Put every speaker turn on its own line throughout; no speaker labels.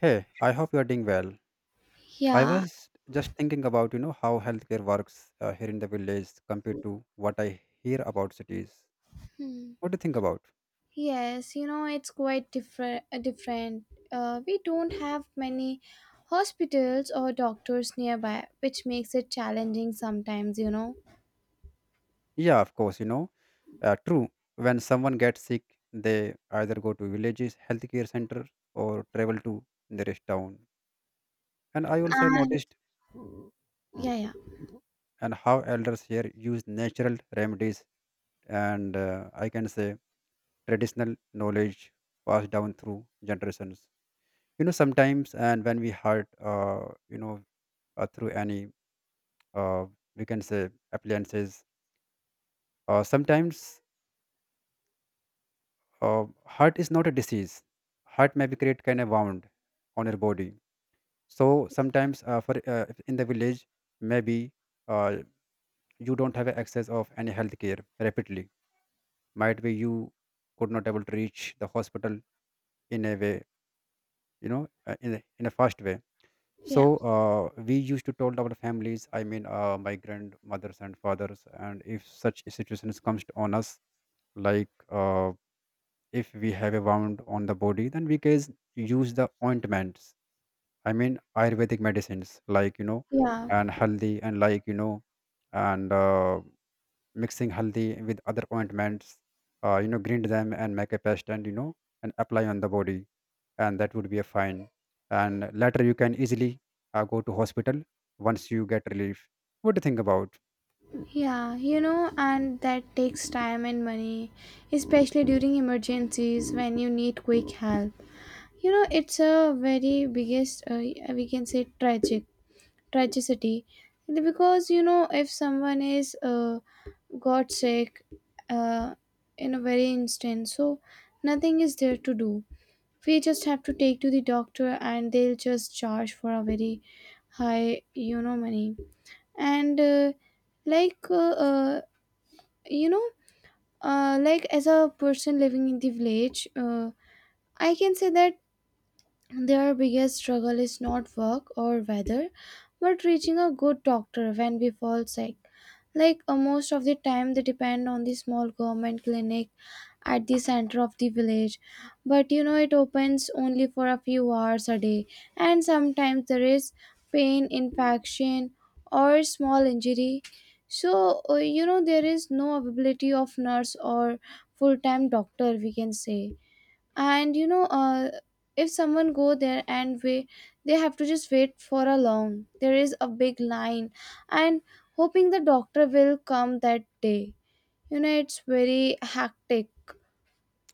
Hey, I hope you are doing well. I
Yeah.
was just thinking about, how healthcare works here in the village compared to what I hear about cities.
Hmm.
What do you think about?
Yes, it's quite different. We don't have many hospitals or doctors nearby, which makes it challenging sometimes.
Yeah, of course, true. When someone gets sick, they either go to villages healthcare center or travel to nearest town. And I also have
And
noticed
yeah, yeah.
and how elders here use natural remedies and I can say traditional knowledge passed down through generations. Sometimes and when we hurt you know through any uh, we can say appliances. Sometimes heart is not a disease, heart may be create kind of wound on your body. So sometimes for if in the village, maybe uh, you don't have access of any health care rapidly, might be you could not able to reach the hospital in a way in a fast way. So
Yeah.
we used to told our families, I mean my grandmothers and fathers, and if such situations comes on us, like uh, if we have a wound on the body, then we can use the ointments, I mean ayurvedic medicines, like you know,
Yeah.
and haldi and like you know and mixing haldi with other ointments, you know, grind them and make a paste and you know, and apply on the body, and that would be a fine, and later you can easily go to hospital once you get relief. What do you think about?
Yeah, and that takes time and money, especially during emergencies when you need quick help. It's a very biggest we can say tragic Tragedy, because if someone is got sick uh, in a very instant, so nothing is there to do. We just have to take to the doctor, and they'll just charge for a very high money. And like you know like as a person living in the village, I can say that their biggest struggle is not work or weather, but reaching a good doctor when we fall sick. Like most of the time, they depend on the small government clinic at the center of the village. But it opens only for a few hours a day, and sometimes there is pain, infection, or small injury. So, there is no availability of nurse or full time doctor, we can say. And if someone go there and wait, they have to just wait for a long, there is a big line, and hoping the doctor will come that day. It's very hectic.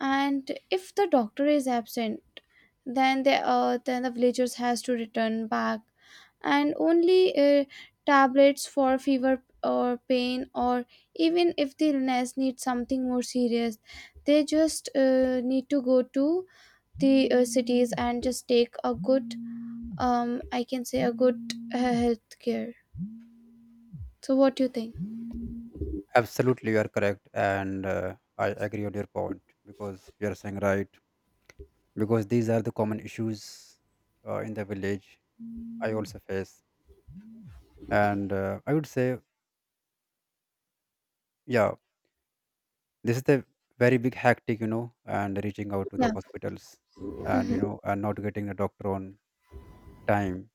And if the doctor is absent, then the villagers has to return back, and only tablets for fever or pain, or even if the illness needs something more serious, they just need to go to the cities and just take a good I can say a good health care. So what do you think?
Absolutely, you are correct, and I agree on your point because you are saying right, because these are the common issues in the village I also face. And I would say, yeah, this is the very big hectic, you know, and reaching out to the
Yeah.
hospitals and you
Mm-hmm.
know, and not getting a doctor on time,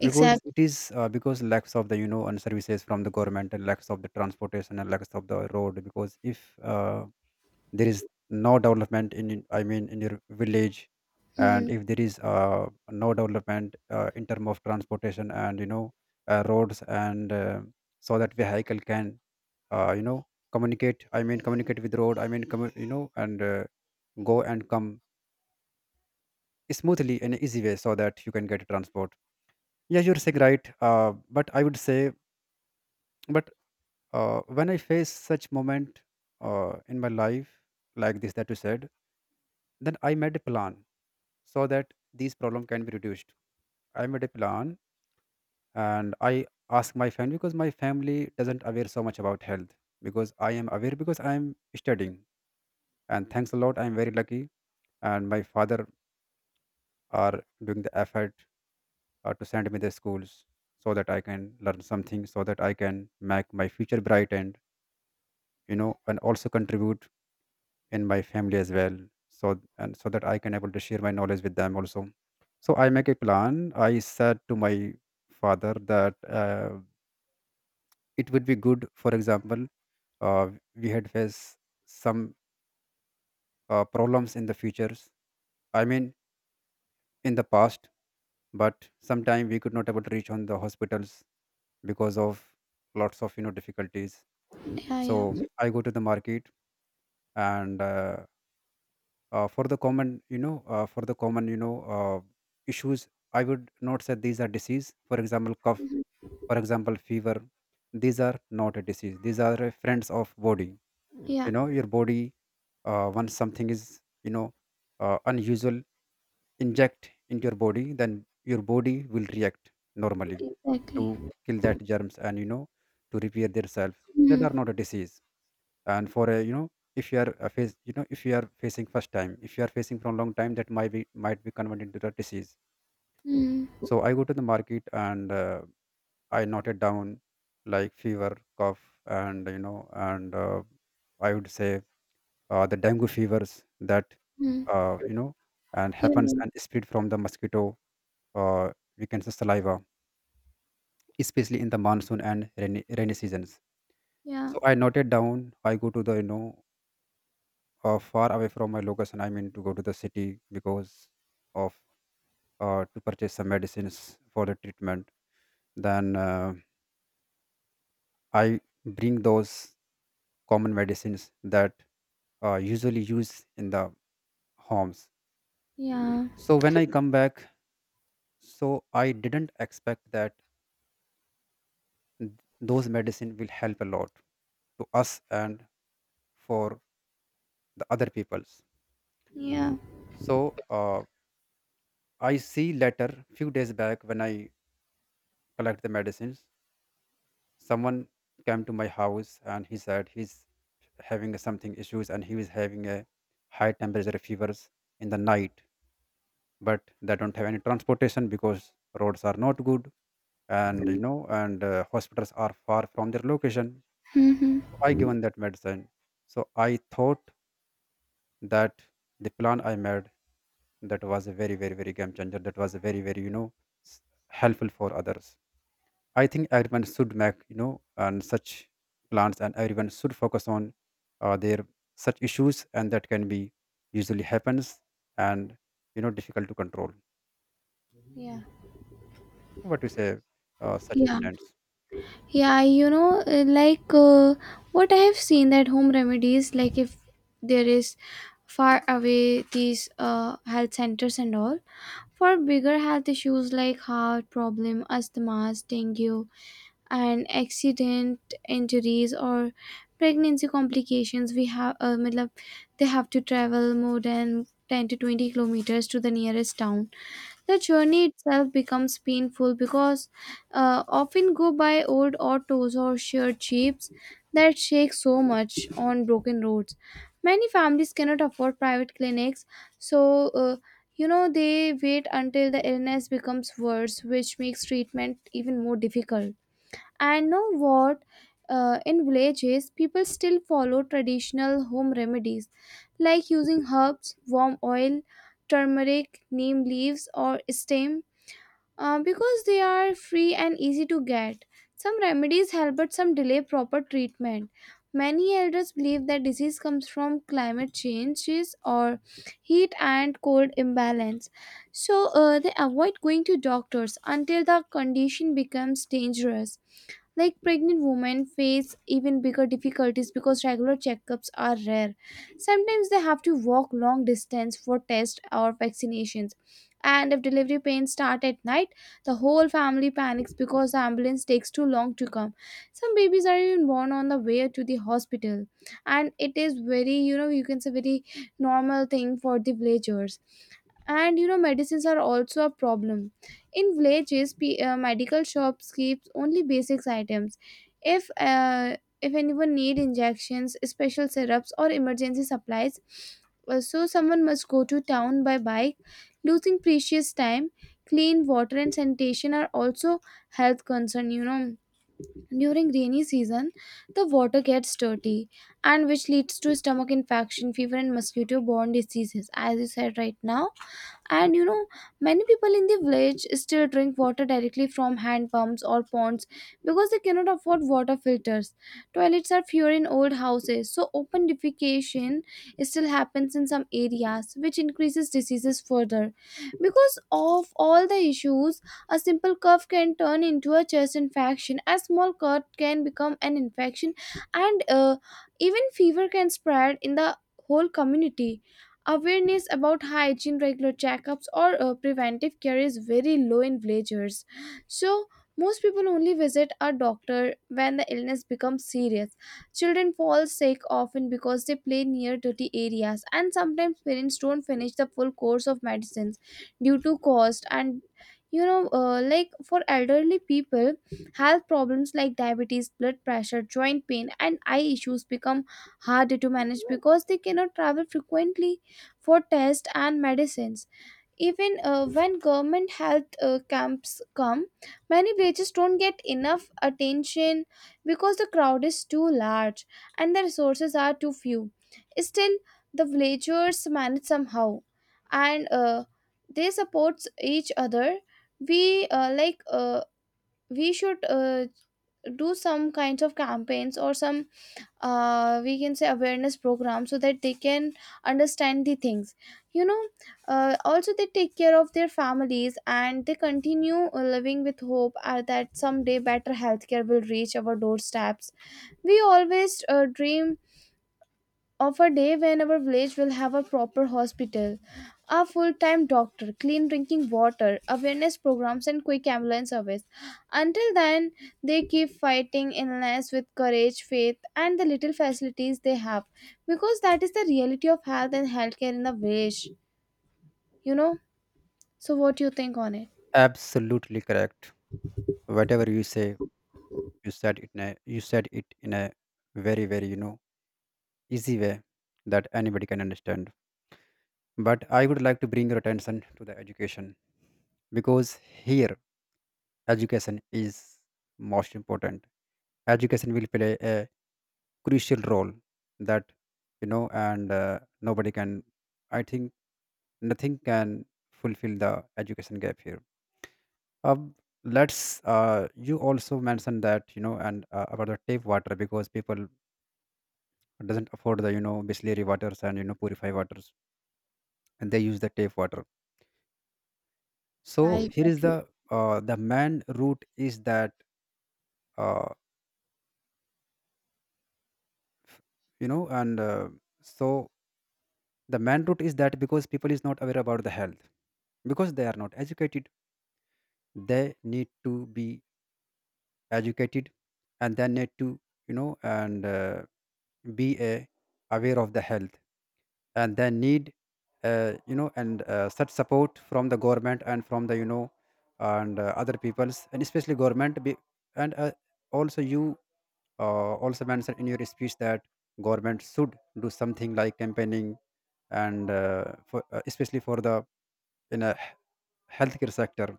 Exactly.
because it is because lacks of the, you know, and services from the government, and lacks of the transportation, and lacks of the road. Because if there is no development in I mean in your village, and
Mm-hmm.
if there is no development in term of transportation and you know, roads and so that vehicle can you know, communicate, I mean communicate with road, I mean you know, and go and come smoothly in an easy way, so that you can get transport. Yeah, you're saying right, but I would say, but when I face such moment in my life, like this that you said, then I made a plan so that these problem can be reduced. I made a plan, and I ask my family, because my family doesn't aware so much about health. Because I am aware, because I am studying, and thanks a lot, I am very lucky. And my father are doing the effort to send me the schools, so that I can learn something, so that I can make my future bright, and you know, and also contribute in my family as well. So and so that I can able to share my knowledge with them also. So I make a plan, I said to my father that uh, it would be good. For example, uh, we had faced some problems in the futures, I mean in the past, but sometime we could not able to reach on the hospitals because of lots of you know difficulties.
Yeah, yeah,
So I go to the market and for the common for the common you know, issues. I would not say these are disease, for example cough, for example fever. These are not a disease, these are friends of body.
yeah.
You know your body, once something is, you know, unusual inject into your body, then your body will react normally to
Exactly.
kill that germs, and you know, to repair their self. That are
Mm-hmm.
not a disease. And for a, you know, if you are face you know if you are facing first time, if you are facing from long time, that might be, might be converted into the disease.
Mm-hmm.
So I go to the market and I noted down like fever, cough, and you know, and I would say the dengue fevers that
Mm-hmm.
you know, and
Yeah,
happens and spread from the mosquito, uh, we can say saliva, especially in the monsoon and rainy seasons.
yeah,
So I noted down, I go to the you know, far away from my location. I mean to go to the city because of to purchase some medicines for the treatment. Then I bring those common medicines that usually use in the homes.
yeah, yeah.
So when I come back, so I didn't expect that th- those medicine will help a lot to us and for the other peoples.
Yeah.
So I see later few days back, when I collect the medicines, someone came to my house and he said he's having something issues, and he was having a high temperature fevers in the night, but they don't have any transportation because roads are not good, and you know, and hospitals are far from their location.
Mm-hmm.
So I given that medicine. So I thought that the plan I made, that was a very very very game changer, that was a very very you know, s- helpful for others. I think everyone should make, you know, and such plans, and everyone should focus on their such issues, and that can be usually happens, and you know, difficult to control.
Yeah,
So what you say, such
yeah,
incidents?
yeah. Like what I have seen, that home remedies, like if there is far away these health centers and all. For bigger health issues like heart problem, asthma, dengue, and accident injuries or pregnancy complications, we have matlab, they have to travel more than 10 to 20 kilometers to the nearest town. The journey itself becomes painful because often go by old autos or shared jeeps that shake so much on broken roads. Many families cannot afford private clinics, so they wait until the illness becomes worse, which makes treatment even more difficult. And know what? In villages, people still follow traditional home remedies like using herbs, warm oil, turmeric, neem leaves, or stem because they are free and easy to get. Some remedies help, but some delay proper treatment. Many elders believe that disease comes from climate changes or heat and cold imbalance, so they avoid going to doctors until the condition becomes dangerous. Like pregnant women face even bigger difficulties because regular checkups are rare. Sometimes they have to walk long distance for tests or vaccinations. And if delivery pains start at night, the whole family panics because the ambulance takes too long to come. Some babies are even born on the way to the hospital. And it is very, you can say very normal thing for the villagers. And medicines are also a problem in villages, medical shops keeps only basics items. If anyone need injections, special syrups or emergency supplies, so someone must go to town by bike, losing precious time. Clean water and sanitation are also health concern. During rainy season, the water gets dirty, and which leads to stomach infection, fever and mosquito borne diseases, as you said right now. And many people in the village still drink water directly from hand pumps or ponds because they cannot afford water filters. Toilets are fewer in old houses, so open defecation still happens in some areas, which increases diseases further. Because of all the issues, a simple cough can turn into a chest infection, a small cut can become an infection, and even fever can spread in the whole community. Awareness about hygiene, regular checkups, or preventive care is very low in villagers. So, most people only visit a doctor when the illness becomes serious. Children fall sick often because they play near dirty areas, and sometimes parents don't finish the full course of medicines due to cost. And like for elderly people, health problems like diabetes, blood pressure, joint pain and eye issues become harder to manage because they cannot travel frequently for tests and medicines. Even when government health camps come, many villages don't get enough attention because the crowd is too large and the resources are too few. Still, the villagers manage somehow, and they support each other. We like we should do some kinds of campaigns or some we can say awareness program so that they can understand the things. you know Also, they take care of their families and they continue living with hope that someday better healthcare will reach our doorsteps. We always dream of a day when our village will have a proper hospital, a full time doctor, clean drinking water, awareness programs, and quick ambulance service. Until then, they keep fighting illness with courage, faith, and the little facilities they have, because that is the reality of health and healthcare in the village, you know. So, what do you think on it?
Absolutely correct. Whatever you say, you said it in a very very you know, easy way, that anybody can understand. But I would like to bring your attention to the education, because here education is most important. Education will play a crucial role, that you know, and nobody can, I think nothing can fulfill the education gap here. um, let's you also mentioned that you know, and about the tap water, because people doesn't afford the you know distillery waters and you know purify waters, and they use the tap water.
Yeah,
So here is
exactly.
the main route is that uh, f- you know and so the main route is that because people is not aware about the health, because they are not educated. They need to be educated, and they need to, you know, and be aware of the health, and they need you know, and such support from the government and from the you know, and other peoples, and especially government be, and also you also mentioned in your speech that government should do something like campaigning, and especially for the in a healthcare sector.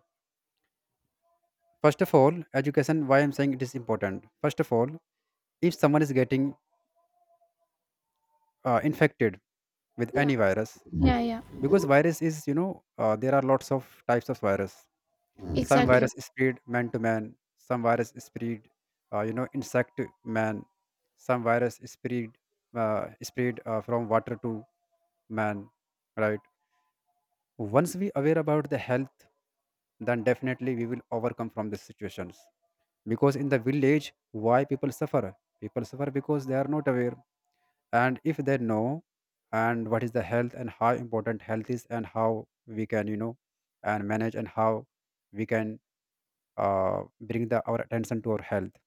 First of all, education, why I'm saying it is important. First of all, if someone is getting infected with
Yeah,
any virus,
yeah, yeah,
because virus is, you know, there are lots of types of virus. Some
exactly.
virus spread man to man, some virus spread, you know, insect to man, some virus spread, from water to man, right? Once we aware about the health, then definitely we will overcome from these situations. Because in the village why people suffer, people suffer because they are not aware. And if they know and what is the health and how important health is, and how we can you know, and manage, and how we can bring the our attention to our health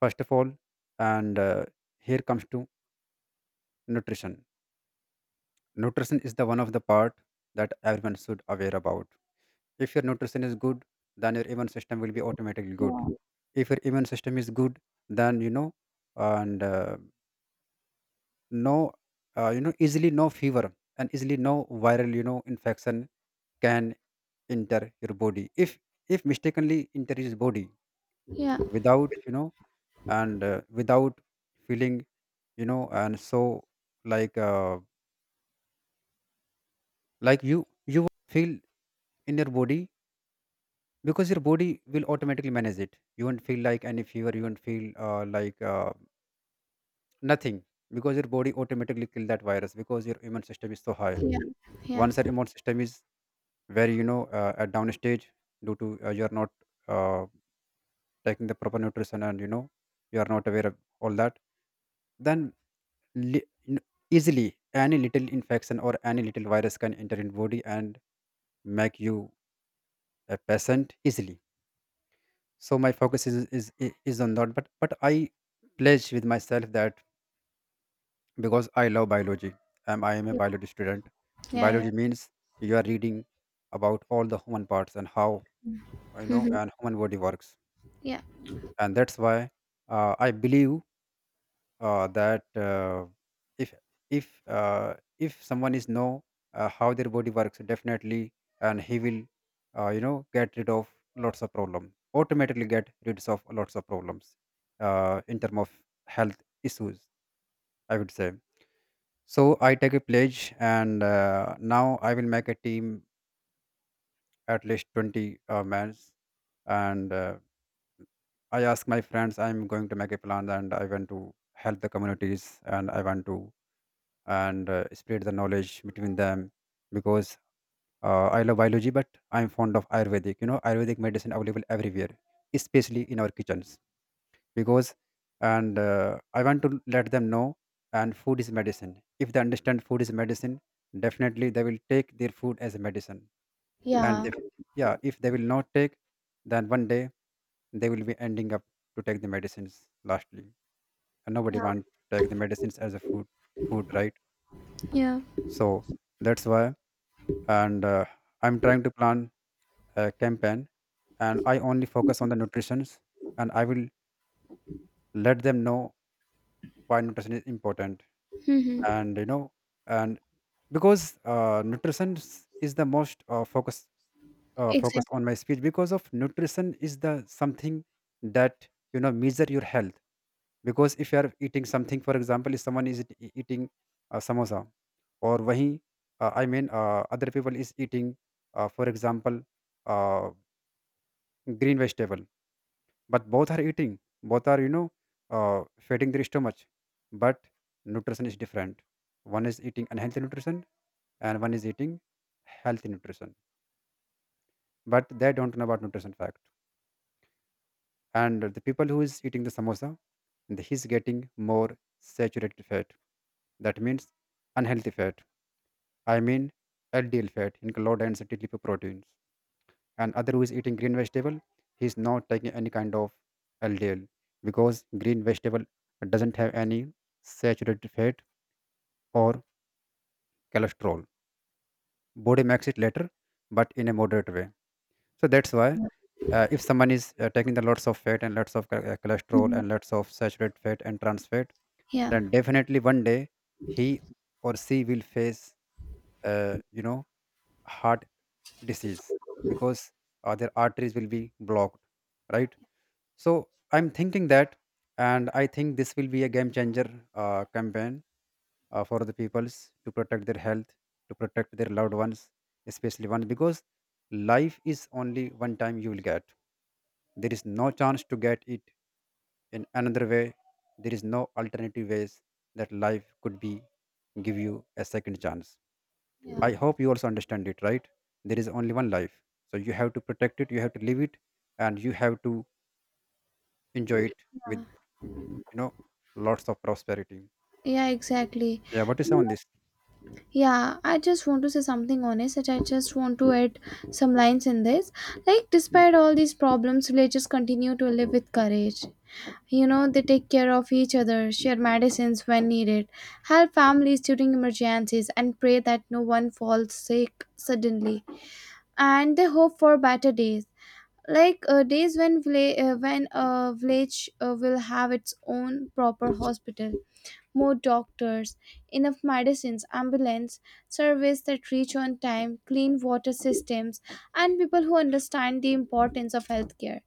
first of all. And here comes to nutrition. Nutrition is the one of the part that everyone should aware about. If your nutrition is good, then your immune system will be automatically good.
Yeah,
If your immune system is good, then you know, and no you know, easily no fever, and easily no viral you know infection can enter your body. If mistakenly enter his body
yeah,
without you know, and without feeling, you know, and so like uh, like you won't feel in your body, because your body will automatically manage it. You won't feel like any fever, you won't feel nothing, because your body automatically kill that virus, because your immune system is so high.
yeah, yeah,
Once your immune system is where you know at downstage, due to you are not uh, taking the proper nutrition and you know, you are not aware of all that, then li- n- easily any little infection or any little virus can enter in body and make you a patient easily. So my focus is on that. But I pledge with myself that because I love biology. I am a
yeah,
biology student.
yeah, yeah.
Biology means you are reading about all the human parts and how you know,
Mhm.
and human body works
Yeah,
And that's why I believe that if if uh, if someone is know how their body works definitely, and he will get rid of lots of problem automatically, get rid of lots of problems in term of health issues, I would say. So I take a pledge and now I will make a team, at least 20 men. And I ask my friends, I'm going to make a plan and I want to help the communities and I want to and spread the knowledge between them. Because I love biology, but I'm fond of Ayurvedic. Ayurvedic medicine available everywhere, especially in our kitchens. Because and I want to let them know and food is medicine. If they understand food is medicine, definitely they will take their food as a medicine. And
yeah,
if, yeah, if they will not take, then one day they will be ending up to take the medicines lastly, and nobody
yeah,
want to take the medicines as a food food, right?
yeah.
So that's why. And I'm trying to plan a campaign, and I only focus on the nutritions, and I will let them know why nutrition is important.
Mhm.
And you know and because nutrition is the most focus
Exactly.
on my speech, because of nutrition is the something that, you know, measure your health. Because if you are eating something, for example, if someone is eating samosa or wahi, I mean other people is eating, for example, uh, green vegetable, but both are eating, both are, you know, feeding their stomach. But nutrition is different. One is eating unhealthy nutrition and one is eating healthy nutrition, but they don't know about nutrition fact. And the people who is eating the samosa, and he's getting more saturated fat, that means unhealthy fat, I mean LDL fat in low density lipoproteins. And other who is eating green vegetable, he's not taking any kind of LDL, because green vegetable doesn't have any saturated fat or cholesterol. Body makes it later, but in a moderate way. So that's why if someone is taking the lots of fat and lots of cholesterol
Mhm.
and lots of saturated fat and trans fat,
Yeah.
then definitely one day he or she will face uh, you know heart disease, because their arteries will be blocked, right? So I'm thinking that, and I think this will be a game changer campaign for the peoples to protect their health, to protect their loved ones. Especially one, because life is only one time you will get. There is no chance to get it in another way. There is no alternative ways that life could be give you a second chance.
Yeah.
I hope you also understand it, right? There is only one life. So you have to protect it, you have to live it, and you have to enjoy it with mm, you know lots of prosperity.
Yeah, exactly.
Yeah, what is
You know,
on this?
yeah, I just want to say something honest that I just want to add some lines in this. Like, despite all these problems, villagers continue to live with courage. They take care of each other, share medicines when needed, help families during emergencies, and pray that no one falls sick suddenly. And they hope for better days. Like days when a village will have its own proper hospital, more doctors, enough medicines, ambulance service that reach on time, clean water systems, and people who understand the importance of healthcare.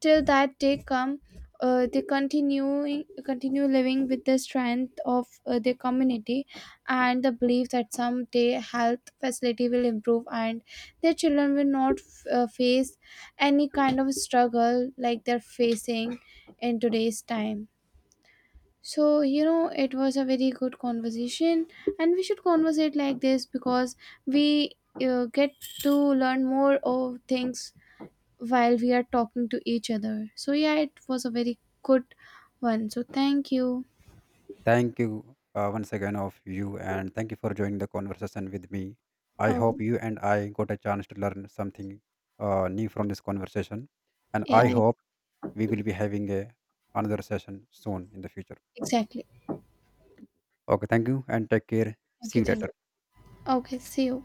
Till that day come, they continue living with the strength of their community and the belief that someday health facility will improve and their children will not face any kind of struggle like they're facing in today's time. So, it was a very good conversation, and we should conversate like this because we get to learn more of things while we are talking to each other. So, yeah, it was a very good one. So, thank you.
Thank you once again of you, and thank you for joining the conversation with me. I hope
Okay.
you and I got a chance to learn something new from this conversation. And
Yeah,
I hope we will be having a another session soon in the future.
exactly.
Okay, thank you and take care.
Thank
See
you.
you
Thank
later.
you. Okay. See you.